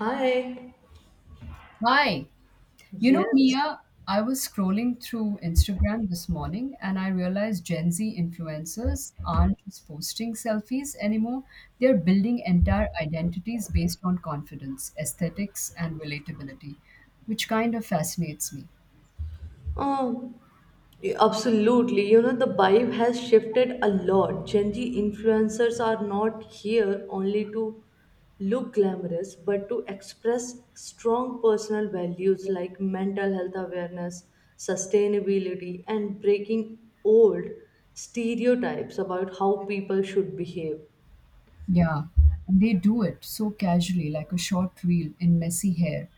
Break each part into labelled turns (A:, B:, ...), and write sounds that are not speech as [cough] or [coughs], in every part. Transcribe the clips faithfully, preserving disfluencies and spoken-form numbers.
A: Hi.
B: Hi. You know,
A: Yes.
B: Mia, I was scrolling through Instagram this morning and I realized Gen Z influencers aren't just posting selfies anymore. They're building entire identities based on confidence, aesthetics, and relatability, which kind of fascinates me.
A: Oh, y- absolutely. You know, the vibe has shifted a lot. Gen Z influencers are not here only to look glamorous, but to express strong personal values like mental health awareness, sustainability, and breaking old stereotypes about how people should behave.
B: Yeah, and they do it so casually, like a short reel in messy hair,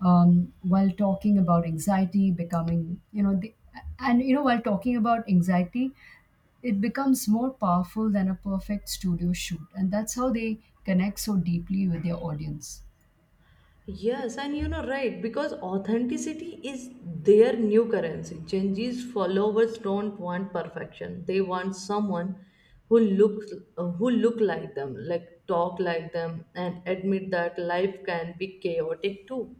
B: um, while talking about anxiety, becoming, you know, they, and, you know, while talking about anxiety, it becomes more powerful than a perfect studio shoot. And that's how they connect so deeply with their audience.
A: Yes, and you know, right, because authenticity is their new currency. Genji's followers don't want perfection. They want someone who looks uh, who look like them, like talk like them, and admit that life can be chaotic too.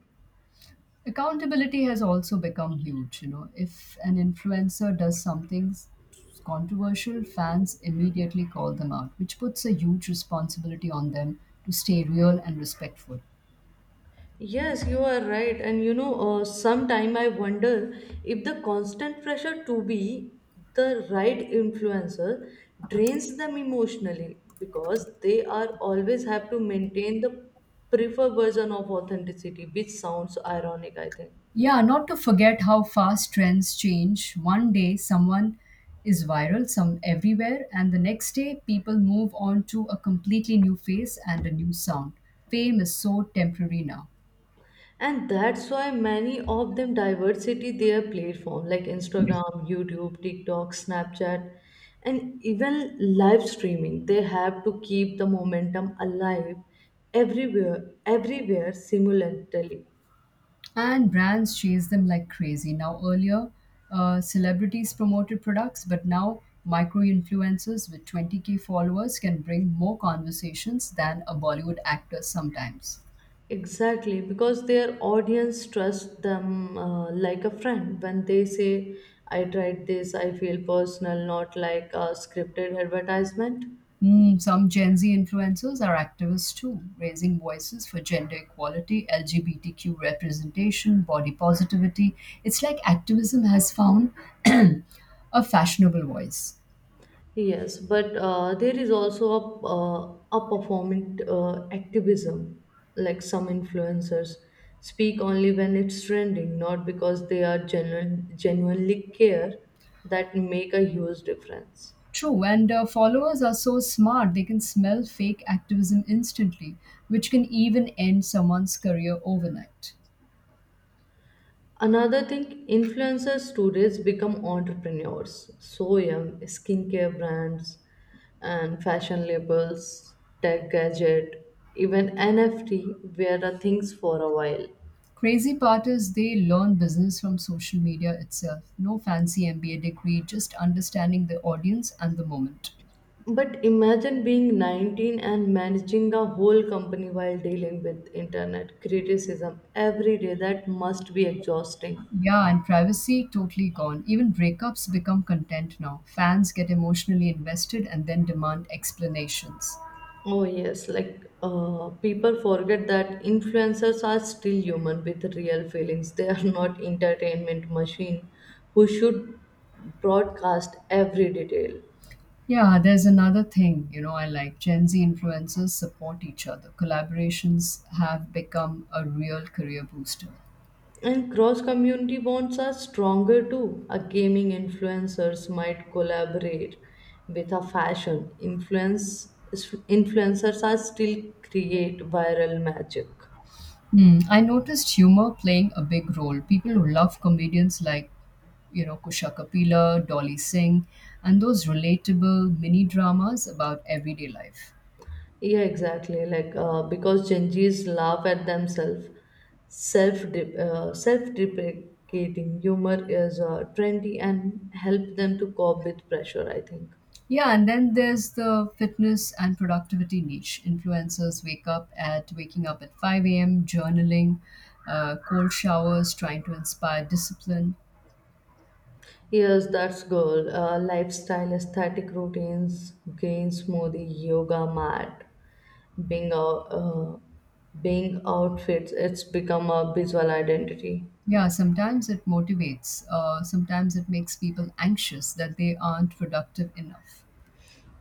B: Accountability has also become huge. You know, if an influencer does something s- controversial, fans immediately call them out, which puts a huge responsibility on them to stay real and respectful.
A: Yes, you are right. And you know, uh, sometime I wonder if the constant pressure to be the right influencer drains them emotionally because they are always have to maintain the preferred version of authenticity, which sounds ironic, I think.
B: Yeah, not to forget how fast trends change. One day someone is viral some everywhere and the next day people move on to a completely new face and a new sound. Fame is so temporary now.
A: And that's why many of them diversity their platform like Instagram, YouTube, TikTok, Snapchat, and even live streaming. They have to keep the momentum alive everywhere everywhere simultaneously.
B: And brands chase them like crazy. Now, earlier, uh, celebrities promoted products, but now micro influencers with twenty k followers can bring more conversations than a Bollywood actor sometimes.
A: Exactly, because their audience trusts them uh, like a friend when they say I tried this, I feel personal, not like a scripted advertisement.
B: Mm, some Gen Z influencers are activists too, raising voices for gender equality, L G B T Q representation, body positivity. It's like activism has found [clears throat] a fashionable voice.
A: Yes, but uh, there is also a uh, a performant uh, activism. Like some influencers speak only when it's trending, not because they are genuine, genuinely care that make a huge difference.
B: True, and uh, followers are so smart they can smell fake activism instantly, which can even end someone's career overnight.
A: Another thing, influencers today become entrepreneurs. So young, skincare brands and fashion labels, tech gadget, even N F T wear the things for a while.
B: Crazy part is they learn business from social media itself. No fancy M B A degree, just understanding the audience and the moment.
A: But imagine being nineteen and managing a whole company while dealing with internet criticism every day. That must be exhausting.
B: Yeah, and privacy totally gone. Even breakups become content now. Fans get emotionally invested and then demand explanations.
A: Oh, yes, like uh, people forget that influencers are still human with real feelings. They are not entertainment machine who should broadcast every detail.
B: Yeah, there's another thing, you know, I like Gen Z influencers support each other. Collaborations have become a real career booster.
A: And cross community bonds are stronger too. A gaming influencers might collaborate with a fashion influence. Influencers are still create viral magic.
B: Hmm. I noticed humor playing a big role. People who love comedians like, you know, Kusha Kapila, Dolly Singh, and those relatable mini dramas about everyday life.
A: Yeah, exactly. Like uh, because Gen Zs laugh at themselves, self uh, self deprecating humor is uh, trendy and help them to cope with pressure, I think.
B: Yeah, and then there's the fitness and productivity niche. Influencers wake up at waking up at five a m, journaling, uh, cold showers, trying to inspire discipline.
A: Yes, that's goal. Uh, lifestyle, aesthetic routines, gain smoothie, yoga mat, being out, uh, being outfits. It's become a visual identity,
B: Yeah, sometimes it motivates. Uh, sometimes it makes people anxious that they aren't productive enough.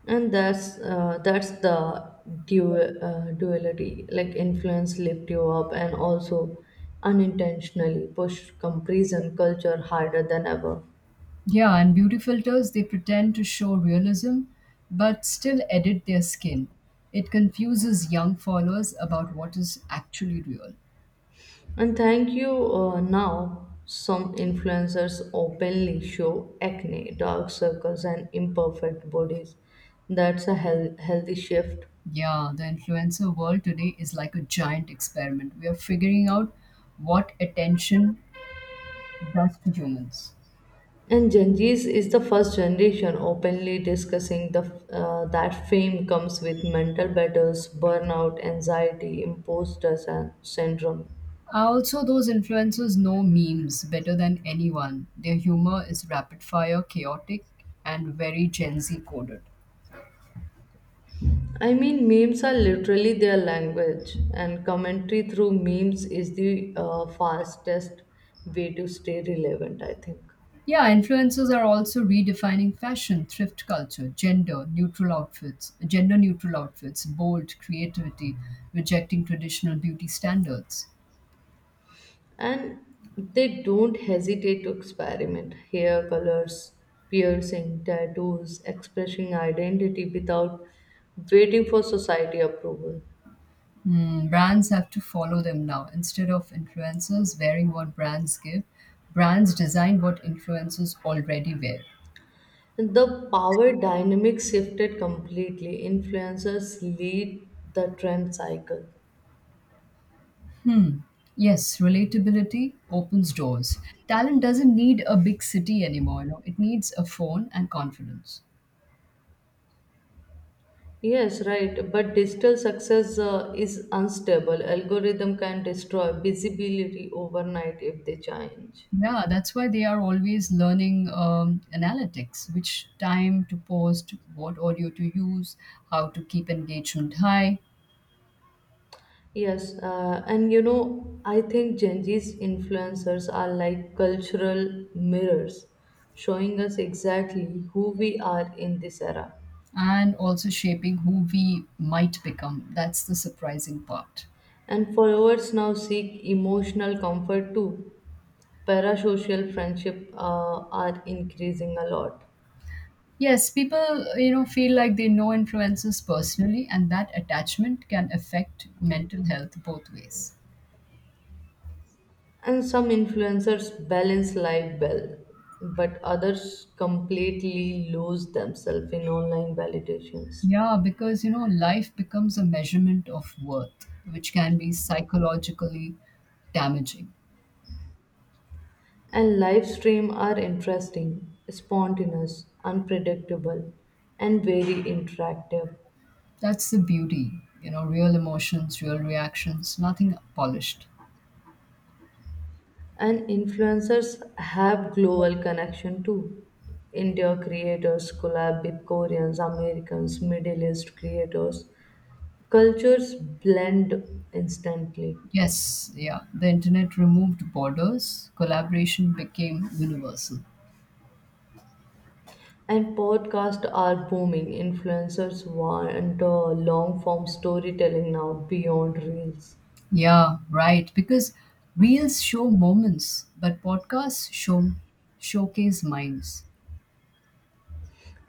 A: and that's uh, that's the dual uh, duality. Like influence lift you up, and also unintentionally push comparison culture harder than ever.
B: Yeah, and beauty filters, they pretend to show realism but still edit their skin. It confuses young followers about what is actually real.
A: And thank you uh, now, some influencers openly show acne, dark circles, and imperfect bodies. That's a heal- healthy shift.
B: Yeah, the influencer world today is like a giant experiment. We are figuring out what attention does to humans.
A: And Gen Z's is the first generation openly discussing the uh, that fame comes with mental battles, burnout, anxiety, imposter sy- syndrome.
B: Also, those influencers know memes better than anyone. Their humor is rapid fire, chaotic, and very Gen Z coded.
A: I mean, memes are literally their language, and commentary through memes is the uh, fastest way to stay relevant, I think.
B: Yeah, influencers are also redefining fashion, thrift culture, gender neutral outfits, gender neutral outfits, bold creativity, rejecting traditional beauty standards.
A: And they don't hesitate to experiment hair colors, piercing tattoos, expressing identity without waiting for society approval.
B: Hmm, brands have to follow them now. Instead of influencers wearing what brands give, brands design what influencers already wear.
A: The power dynamic shifted completely. Influencers lead the trend cycle.
B: Yes, relatability opens doors. Talent doesn't need a big city anymore. You know, it needs a phone and confidence.
A: Yes, right. But digital success uh, is unstable. Algorithm can destroy visibility overnight if they change.
B: Yeah, that's why they are always learning um, analytics, which time to post, what audio to use, how to keep engagement high,
A: Yes, uh, and you know, I think Gen Z's influencers are like cultural mirrors, showing us exactly who we are in this era.
B: and also shaping who we might become. That's the surprising part.
A: And followers now seek emotional comfort too. Parasocial friendship uh, are increasing a lot.
B: Yes, people you know feel like they know influencers personally, and that attachment can affect mental health both ways.
A: And some influencers balance life well, but others completely lose themselves in online validations.
B: Yeah, because you know, life becomes a measurement of worth, which can be psychologically damaging.
A: And live stream are interesting, spontaneous, unpredictable, and very interactive.
B: That's the beauty, you know, real emotions, real reactions, nothing polished.
A: And influencers have global connection too. India creators collab with Koreans, Americans, Middle East creators. Cultures blend instantly.
B: Yes, yeah, the internet removed borders, collaboration became universal.
A: And podcasts are booming. Influencers want long form storytelling now beyond reels.
B: Yeah, right, because reels show moments, but podcasts show showcase minds.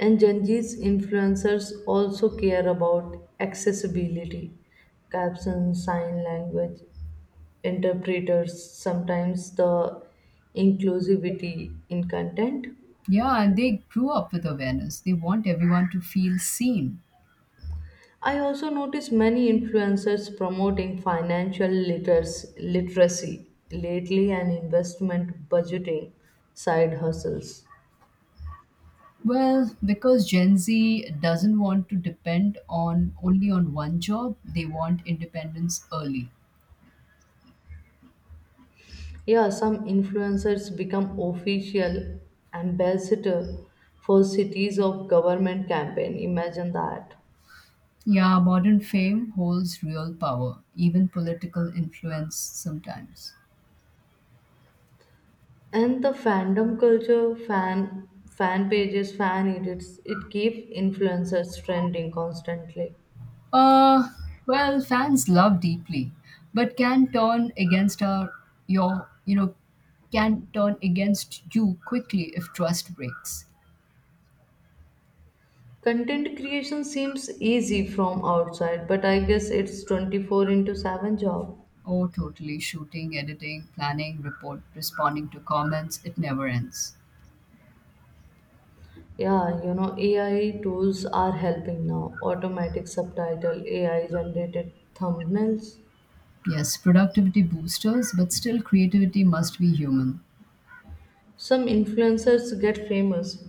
A: And Gen Z's influencers also care about accessibility, captions, sign language, interpreters, sometimes the inclusivity in content.
B: Yeah, and they grew up with awareness. They want everyone to feel seen.
A: I also notice many influencers promoting financial literacy, literacy lately and investment budgeting side hustles.
B: Well, because Gen Z doesn't want to depend on only on one job, they want independence early.
A: Yeah, some influencers become official ambassador for cities of government campaign. Imagine that.
B: Yeah, modern fame holds real power, even political influence sometimes.
A: And the fandom culture, fan fan pages, fan edits, it keeps influencers trending constantly.
B: Uh, well, fans love deeply, but can turn against our your you know can turn against you quickly if trust breaks.
A: Content creation seems easy from outside, but I guess it's twenty-four into seven job.
B: Oh, totally. Shooting, editing, planning, report, responding to comments, it never ends.
A: Yeah, you know, A I tools are helping now. Automatic subtitle, A I generated thumbnails.
B: Yes, productivity boosters, but still creativity must be human.
A: Some influencers get famous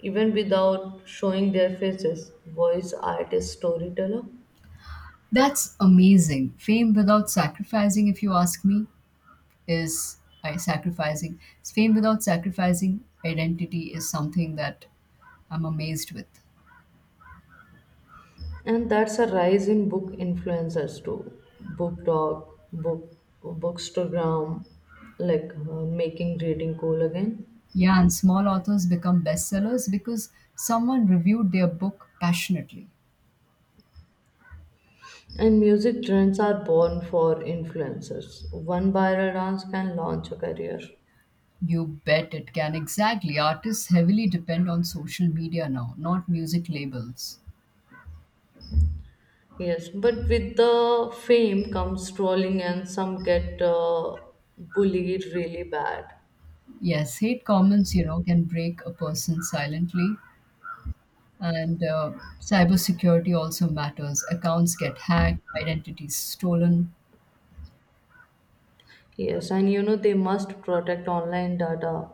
A: even without showing their faces. Voice artist, storyteller,
B: That's amazing. Fame without sacrificing, if you ask me, is I Sacrificing. Fame without sacrificing identity is something that I'm amazed with.
A: and that's a rise in book influencers too. Book talk, book bookstagram, like uh, making reading cool again.
B: Yeah, and small authors become bestsellers because someone reviewed their book passionately.
A: And music trends are born for influencers. One viral dance can launch a career.
B: You bet it can. Exactly. Artists heavily depend on social media now, not music labels.
A: Yes, but with the fame comes trolling, and some get uh, bullied really bad.
B: Yes, hate comments, you know, can break a person silently. And uh, cybersecurity also matters. Accounts get hacked, identities stolen.
A: Yes, and you know they must protect online data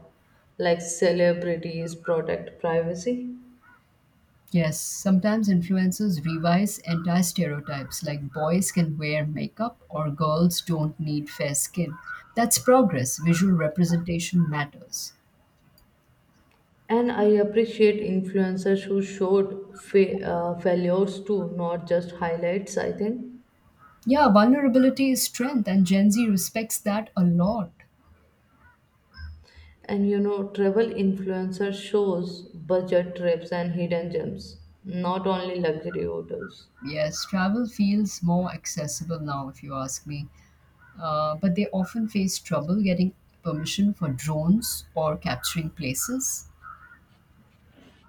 A: like celebrities protect privacy.
B: Yes, sometimes influencers revise entire stereotypes like boys can wear makeup or girls don't need fair skin. That's progress. Visual representation matters.
A: And I appreciate influencers who showed fa- uh, failures too, not just highlights, I think.
B: Yeah, vulnerability is strength, and Gen Z respects that a lot.
A: And you know, travel influencer shows budget trips and hidden gems, not only luxury hotels.
B: Yes, travel feels more accessible now, if you ask me. Uh, but they often face trouble getting permission for drones or capturing places.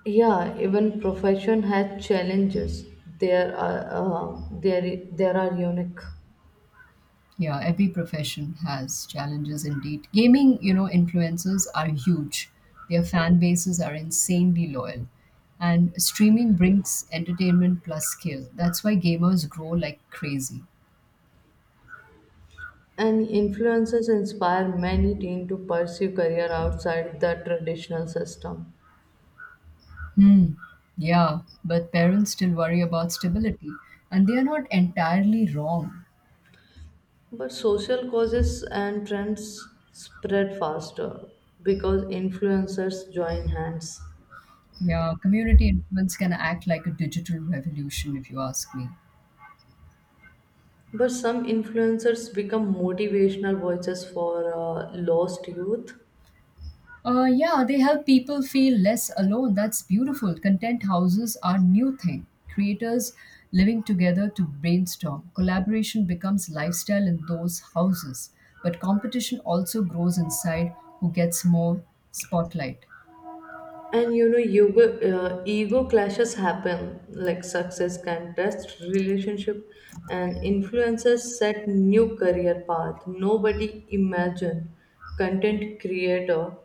A: Yeah, even profession has challenges. There are uh, there there are unique.
B: Yeah, every profession has challenges indeed. Gaming, you know, influencers are huge. Their fan bases are insanely loyal. And streaming brings entertainment plus skill. That's why gamers grow like crazy.
A: And influences inspire many teens to pursue career outside the traditional system.
B: Hmm. Yeah, but parents still worry about stability, and they are not entirely wrong.
A: But social causes and trends spread faster because influencers join hands.
B: Yeah, community influence can act like a digital revolution, if you ask me.
A: But some influencers become motivational voices for uh, lost youth.
B: Uh, yeah, they help people feel less alone. That's beautiful. Content houses are new thing. Creators living together to brainstorm. Collaboration becomes lifestyle in those houses. But competition also grows inside who gets more spotlight.
A: And you know, ego, uh, ego clashes happen, like success can test relationship, and influencers set new career path. Nobody imagined content creator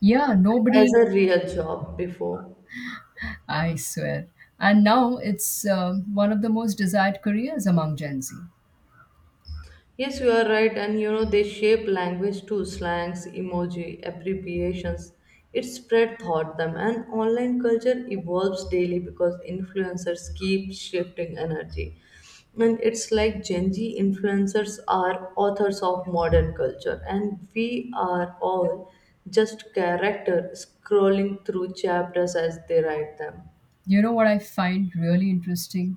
B: Yeah,
A: as
B: nobody,
A: a real job before.
B: I swear. And now it's uh, one of the most desired careers among Gen Z.
A: Yes, you are right, and you know they shape language too, slangs, emoji, abbreviations. It spread thought them, and online culture evolves daily because influencers keep shifting energy. And it's like Gen Z influencers are authors of modern culture, and we are all just character scrolling through chapters as they write them.
B: You know what I find really interesting?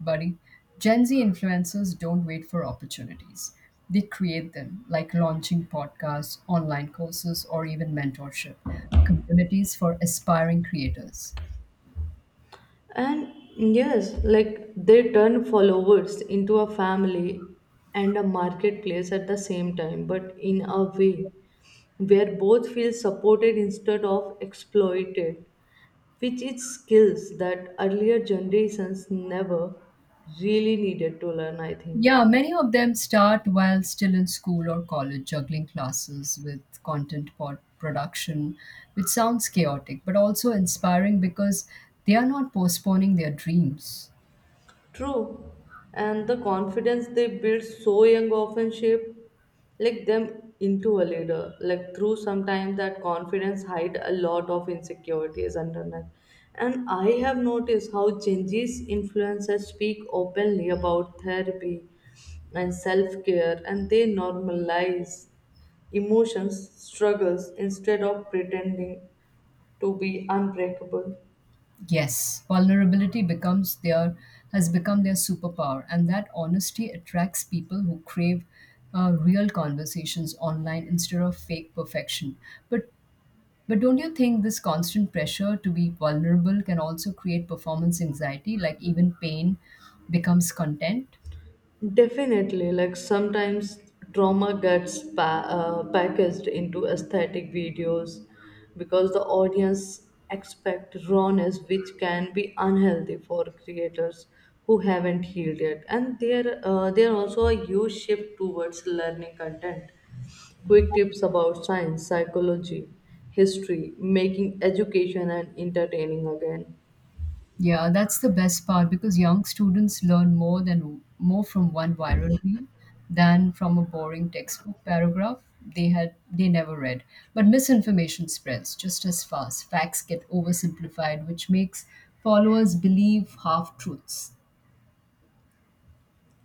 B: Buddy. Gen Z influencers don't wait for opportunities, they create them, like launching podcasts, online courses, or even mentorship communities for aspiring creators.
A: And yes, like they turn followers into a family and a marketplace at the same time, but in a way where both feel supported instead of exploited, which is skills that earlier generations never really needed to learn, I think.
B: Yeah, many of them start while still in school or college, juggling classes with content pod production, which sounds chaotic but also inspiring because they are not postponing their dreams.
A: True. And the confidence they build so young often shape like them into a leader. Like through sometimes that confidence hide a lot of insecurities underneath. And I have noticed how Gen Z's influencers speak openly about therapy and self-care, and they normalize emotions, struggles instead of pretending to be unbreakable.
B: Yes, vulnerability becomes their has become their superpower, and that honesty attracts people who crave uh, real conversations online instead of fake perfection. But but don't you think this constant pressure to be vulnerable can also create performance anxiety, like even pain becomes content?
A: Definitely, like sometimes drama gets pa- uh, packaged into aesthetic videos because the audience expect rawness, which can be unhealthy for creators who haven't healed yet. And there, uh, there also a huge shift towards learning content, quick tips about science, psychology, history, making education and entertaining again.
B: Yeah, that's the best part because young students learn more than more from one viral reel than from a boring textbook paragraph they had they never read. But misinformation spreads just as fast. Facts get oversimplified, which makes followers believe half truths.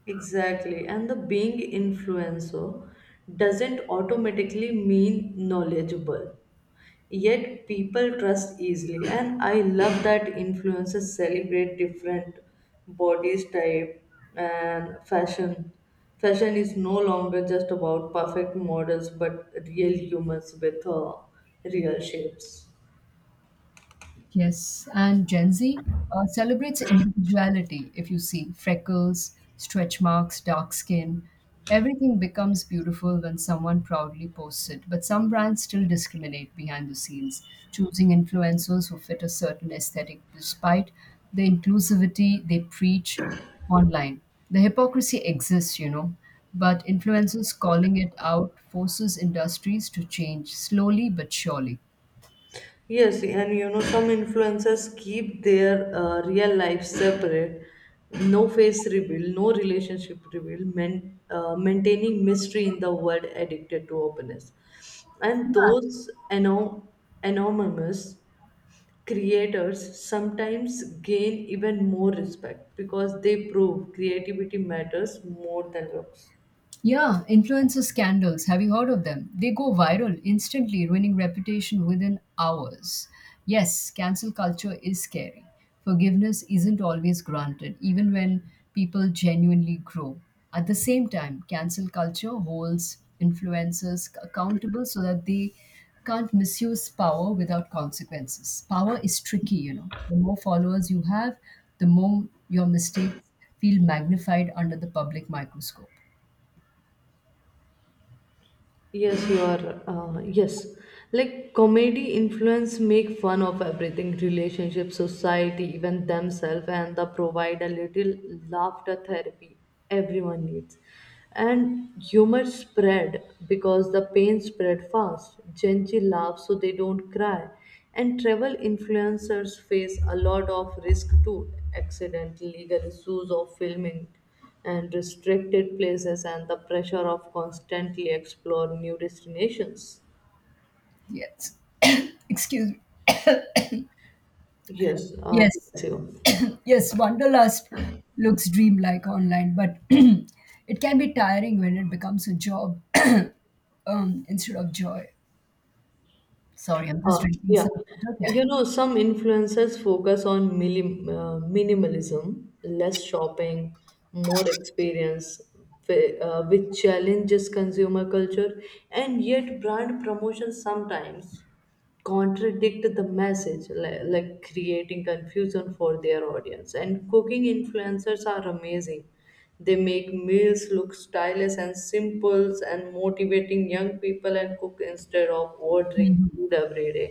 A: Exactly. And the being influencer doesn't automatically mean knowledgeable. Yet people trust easily. And I love that influencers celebrate different bodies type and fashion. Fashion is no longer just about perfect models, but real humans with uh, real shapes.
B: Yes, and Gen Z uh, celebrates individuality. If you see freckles, stretch marks, dark skin, everything becomes beautiful when someone proudly posts it. But some brands still discriminate behind the scenes, choosing influencers who fit a certain aesthetic despite the inclusivity they preach online. The hypocrisy exists, you know, but influencers calling it out forces industries to change slowly but surely.
A: Yes, and you know, some influencers keep their uh, real life separate. No face reveal, no relationship reveal, men, uh, maintaining mystery in the world addicted to openness. And
B: Yeah.
A: those anom- anonymous creators sometimes gain even more respect because they prove creativity matters more than looks.
B: Yeah, influencer scandals. Have you heard of them? They go viral instantly, ruining reputation within hours. Yes, cancel culture is scary. Forgiveness isn't always granted, even when people genuinely grow. At the same time, cancel culture holds influencers accountable so that they can't misuse power without consequences. Power is tricky, you know. The more followers you have, the more your mistakes feel magnified under the public microscope.
A: Yes, you are. Uh, yes, like comedy influence make fun of everything, relationship, society, even themselves, and they provide a little laughter therapy everyone needs. And humor spread because the pain spread fast. Gen Z laughs so they don't cry. And travel influencers face a lot of risk too, accident, legal issues, or filming and restricted places and the pressure of constantly explore new destinations.
B: Yes. [coughs] Excuse me.
A: Yes, uh,
B: Yes.
A: bless you.
B: Yes, Wanderlust looks dreamlike online, but [coughs] [clears throat] it can be tiring when it becomes a job [coughs] um, instead of joy. Sorry, I'm just
A: Uh,
B: drinking
A: yeah,
B: some water. Carry
A: you
B: on.
A: know, some influencers focus on minim uh, minimalism, less shopping, more experience, whi- uh, which challenges consumer culture, and yet brand promotion sometimes contradict the message, like, like creating confusion for their audience. And cooking influencers are amazing. They make meals look stylish and simple and motivating young people and cook instead of ordering
B: Mm-hmm.
A: food every day.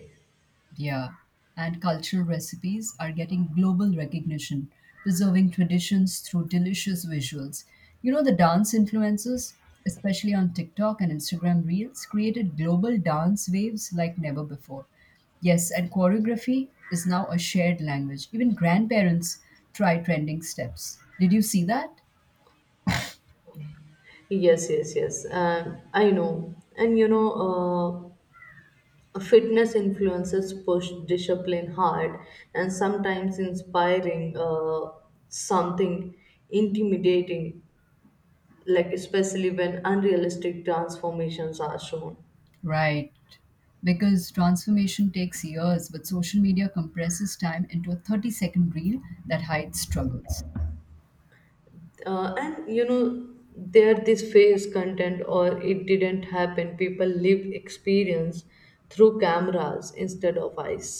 B: Yeah, and cultural recipes are getting global recognition, preserving traditions through delicious visuals. You know, the dance influencers, especially on TikTok and Instagram Reels, created global dance waves like never before. Yes, and choreography is now a shared language. Even grandparents try trending steps. Did you see that?
A: Yes, yes, yes. Um, I know. And you know, uh, fitness influencers push discipline hard and sometimes inspiring uh, something intimidating, like especially when unrealistic transformations are shown.
B: Right. Because transformation takes years, but social media compresses time into a thirty second reel that hides struggles.
A: Uh, and you know there this phase content or it didn't happen, people live experience through cameras instead of eyes.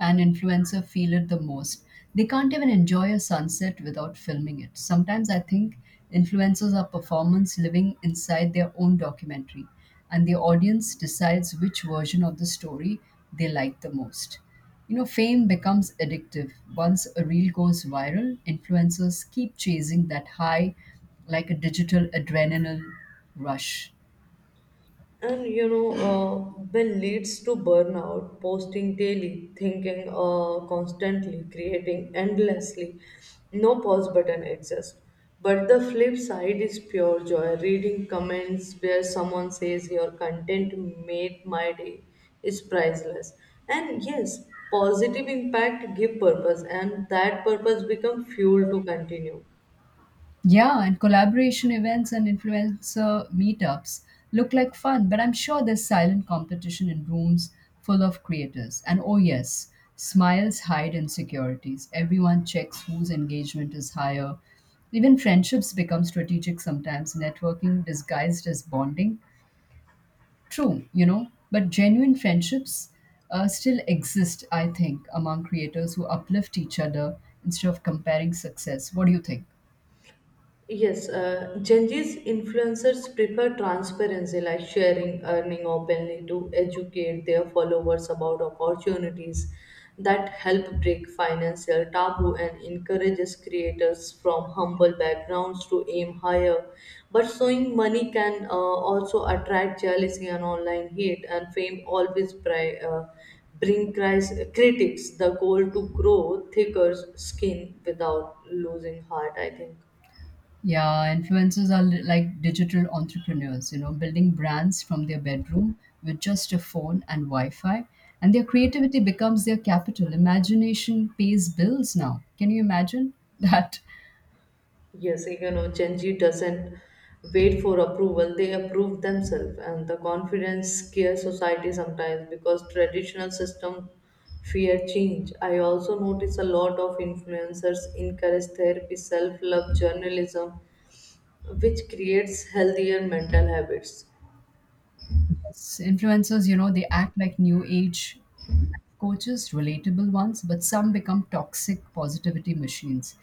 B: And influencer feel it the most. They can't even enjoy a sunset without filming it. Sometimes I think influencers are performance living inside their own documentary, and the audience decides which version of the story they like the most. You know, fame becomes addictive. Once a reel goes viral, influencers keep chasing that high like a digital adrenaline rush.
A: And you know uh, when leads to burnout, posting daily, thinking uh, constantly, creating endlessly, no pause button exists. But the flip side is pure joy, reading comments where someone says your content made my day is priceless. And yes, positive impact give purpose, and that purpose become fuel to continue.
B: Yeah, and collaboration events and influencer meetups look like fun, but I'm sure there's silent competition in rooms full of creators. And oh, yes, smiles hide insecurities. Everyone checks whose engagement is higher. Even friendships become strategic sometimes, networking disguised as bonding. True, you know, but genuine friendships uh, still exist, I think, among creators who uplift each other instead of comparing success. What do you think?
A: Yes, uh, Gen Z's influencers prefer transparency like sharing, earning openly to educate their followers about opportunities that help break financial taboo and encourages creators from humble backgrounds to aim higher. But showing money can uh, also attract jealousy and online hate, and fame always pri- uh, bring cris- critics the goal to grow thicker skin without losing heart, I think.
B: Yeah, influencers are li- like digital entrepreneurs, you know, building brands from their bedroom with just a phone and Wi Fi. And their creativity becomes their capital. Imagination pays bills now. Can you imagine [laughs] that?
A: Yes, you know, Gen Z doesn't wait for approval, they approve themselves. And the confidence scares society sometimes because traditional system fear change. I also notice a lot of influencers encourage therapy, self-love, journalism, which creates healthier mental habits.
B: Yes, influencers, you know, they act like new age coaches, relatable ones, but some become toxic positivity machines,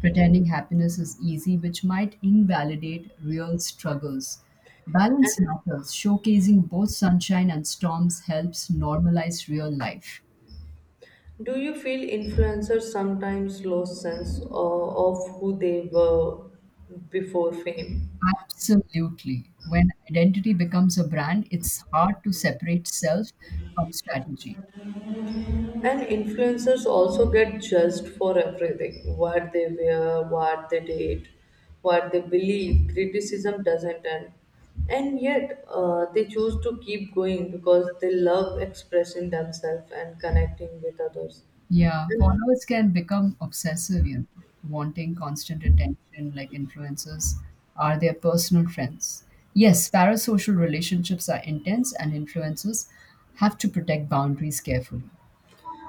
B: pretending happiness is easy, which might invalidate real struggles. Balance matters. Showcasing both sunshine and storms helps normalize real life.
A: Do you feel influencers sometimes lose sense of, of who they were before fame?
B: Absolutely. When identity becomes a brand, it's hard to separate self from strategy.
A: And influencers also get judged for everything what they wear, what they date, what they believe. Criticism doesn't end. And yet, uh, they choose to keep going because they love expressing themselves and connecting with others.
B: Yeah,
A: And,
B: followers can become obsessive, you know, wanting constant attention like influencers are their personal friends. Yes, parasocial relationships are intense and influencers have to protect boundaries carefully.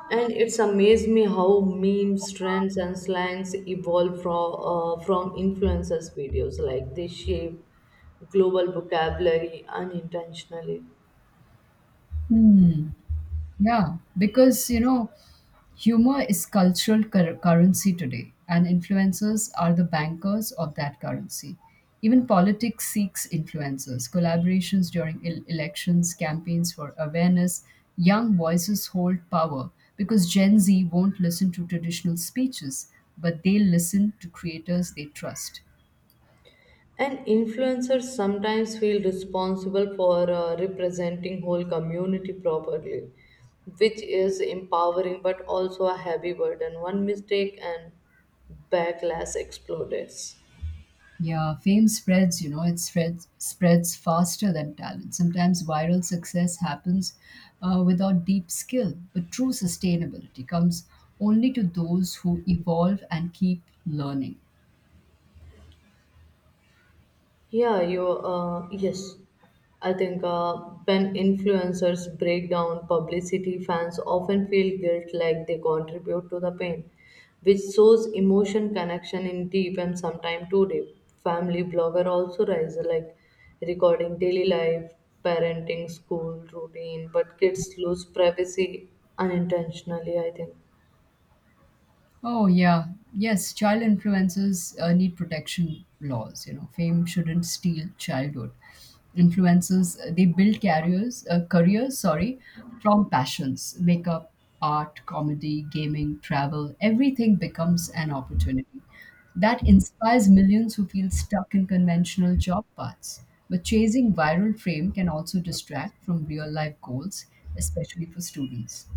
A: and it's amazed me how memes, trends, and slangs evolve from, uh, from influencers' videos. Like they shape global vocabulary unintentionally.
B: Yeah, because you know, humor is cultural cur- currency today, and influencers are the bankers of that currency. Even politics seeks influencers, collaborations during el- elections, campaigns for awareness. Young voices hold power because Gen Z won't listen to traditional speeches, but they listen to creators they trust.
A: And influencers sometimes feel responsible for uh, representing whole community properly, which is empowering but also a heavy burden. One mistake and backlash explodes.
B: Yeah, fame spreads, you know, it spreads spreads faster than talent. Sometimes viral success happens uh, without deep skill, but true sustainability comes only to those who evolve and keep learning.
A: Yeah, you uh, yes. I think uh, when influencers break down publicity, fans often feel guilt like they contribute to the pain, which shows emotion connection in deep and sometimes too deep. Family blogger also rise like recording daily life, parenting, school routine, but kids lose privacy unintentionally, I think.
B: Oh, yeah. Yes, child influencers uh, need protection laws. You know, fame shouldn't steal childhood. Influencers, uh, they build careers, uh, careers, sorry, from passions, makeup, art, comedy, gaming, travel, everything becomes an opportunity. That inspires millions who feel stuck in conventional job paths. But chasing viral fame can also distract from real life goals, especially for students.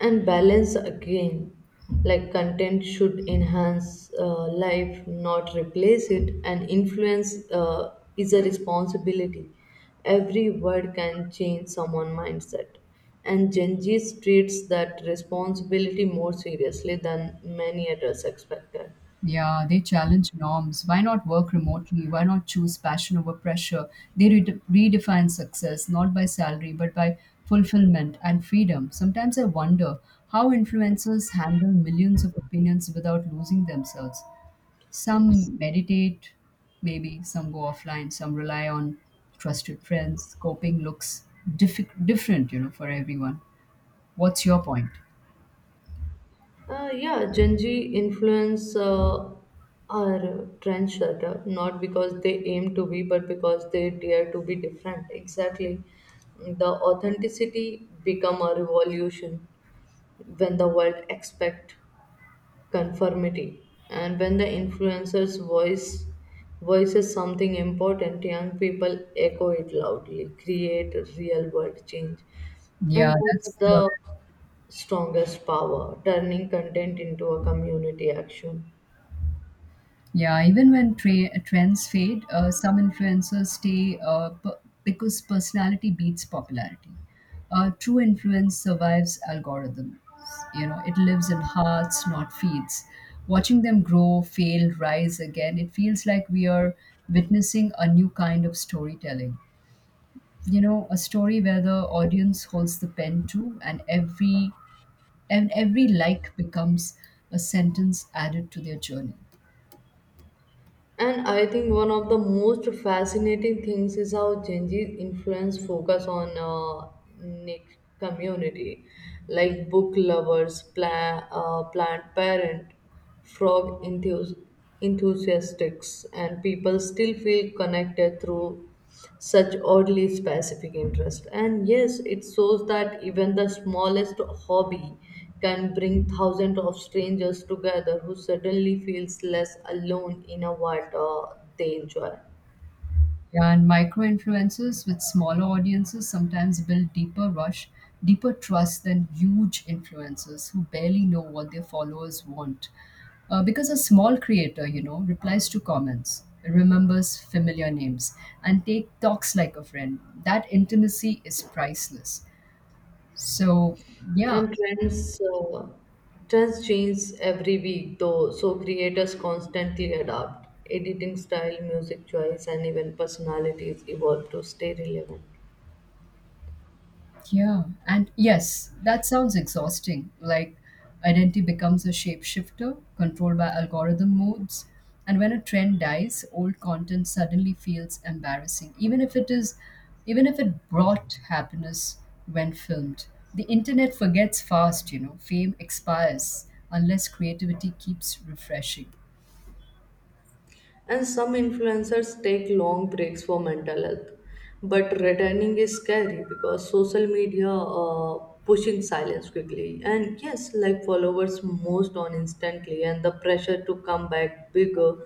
A: And balance again, like content should enhance uh, life, not replace it. And influence uh, is a responsibility. Every word can change someone's mindset, and Gen Z treats that responsibility more seriously than many adults expected.
B: Yeah, they challenge norms. Why not work remotely? Why not choose passion over pressure? They re- redefine success not by salary but by fulfillment and freedom. Sometimes I wonder how influencers handle millions of opinions without losing themselves. Some meditate, maybe some go offline, some rely on trusted friends. Coping looks diff- different, you know, for everyone. What's your point?
A: Uh, yeah, Gen Z influence uh, are trendsetter, not because they aim to be, but because they dare to be different. Exactly. The authenticity become a revolution when the world expect conformity. And when the influencer's voice voices something important, young people echo it loudly, create real world change. And
B: Yeah,
A: that's
B: that's the
A: the strongest power, turning content into a community action.
B: Yeah, even when tra- trends fade, uh, some influencers stay uh, p- because personality beats popularity. Uh, true influence survives algorithms. You know, it lives in hearts, not feeds. Watching them grow, fail, rise again, it feels like we are witnessing a new kind of storytelling. You know, a story where the audience holds the pen too, and every and every like becomes a sentence added to their journey.
A: And I think one of the most fascinating things is how Gen Z influence focus on uh, niche community, like book lovers, pla- uh, plant parent, frog enthus- enthusiasts, and people still feel connected through such oddly specific interest. And yes, it shows that even the smallest hobby can bring thousands of strangers together who suddenly feels less alone in a what uh, they enjoy.
B: Yeah, and micro influencers with smaller audiences sometimes build deeper rush, deeper trust than huge influencers who barely know what their followers want. Uh, because a small creator, you know, replies to comments, remembers familiar names, and take talks like a friend. That intimacy is priceless. So, yeah,
A: And trends uh, trends change every week, though, so creators constantly adapt editing style, music choice, and even personalities evolve to stay relevant.
B: yeah, and yes, that sounds exhausting. Like, identity becomes a shapeshifter controlled by algorithm modes. And when a trend dies, old content suddenly feels embarrassing, even if it is, even if it brought happiness when filmed. The internet forgets fast, you know, fame expires unless creativity keeps refreshing.
A: And some influencers take long breaks for mental health. But returning is scary because social media uh, pushing silence quickly. And yes, like followers most on instantly, and the pressure to come back bigger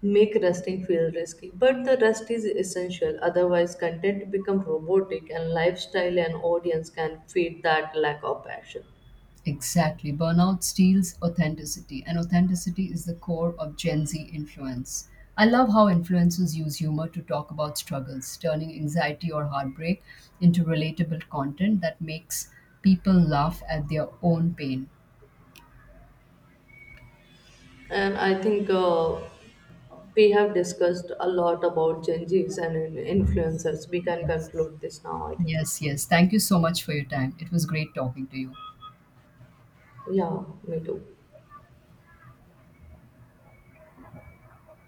A: make resting feel risky. But the rest is essential. Otherwise, content become robotic, and lifestyle and audience can feed that lack of passion.
B: Exactly. Burnout steals authenticity, and authenticity is the core of Gen Z influence. I love how influencers use humor to talk about struggles, turning anxiety or heartbreak into relatable content that makes people laugh at their own pain.
A: And I think uh, we have discussed a lot about Gen Zs and in- influencers. We can
B: Yes,
A: conclude this now, I think.
B: yes, yes. Thank you so much for your time. It was great talking to you.
A: Yeah, me too.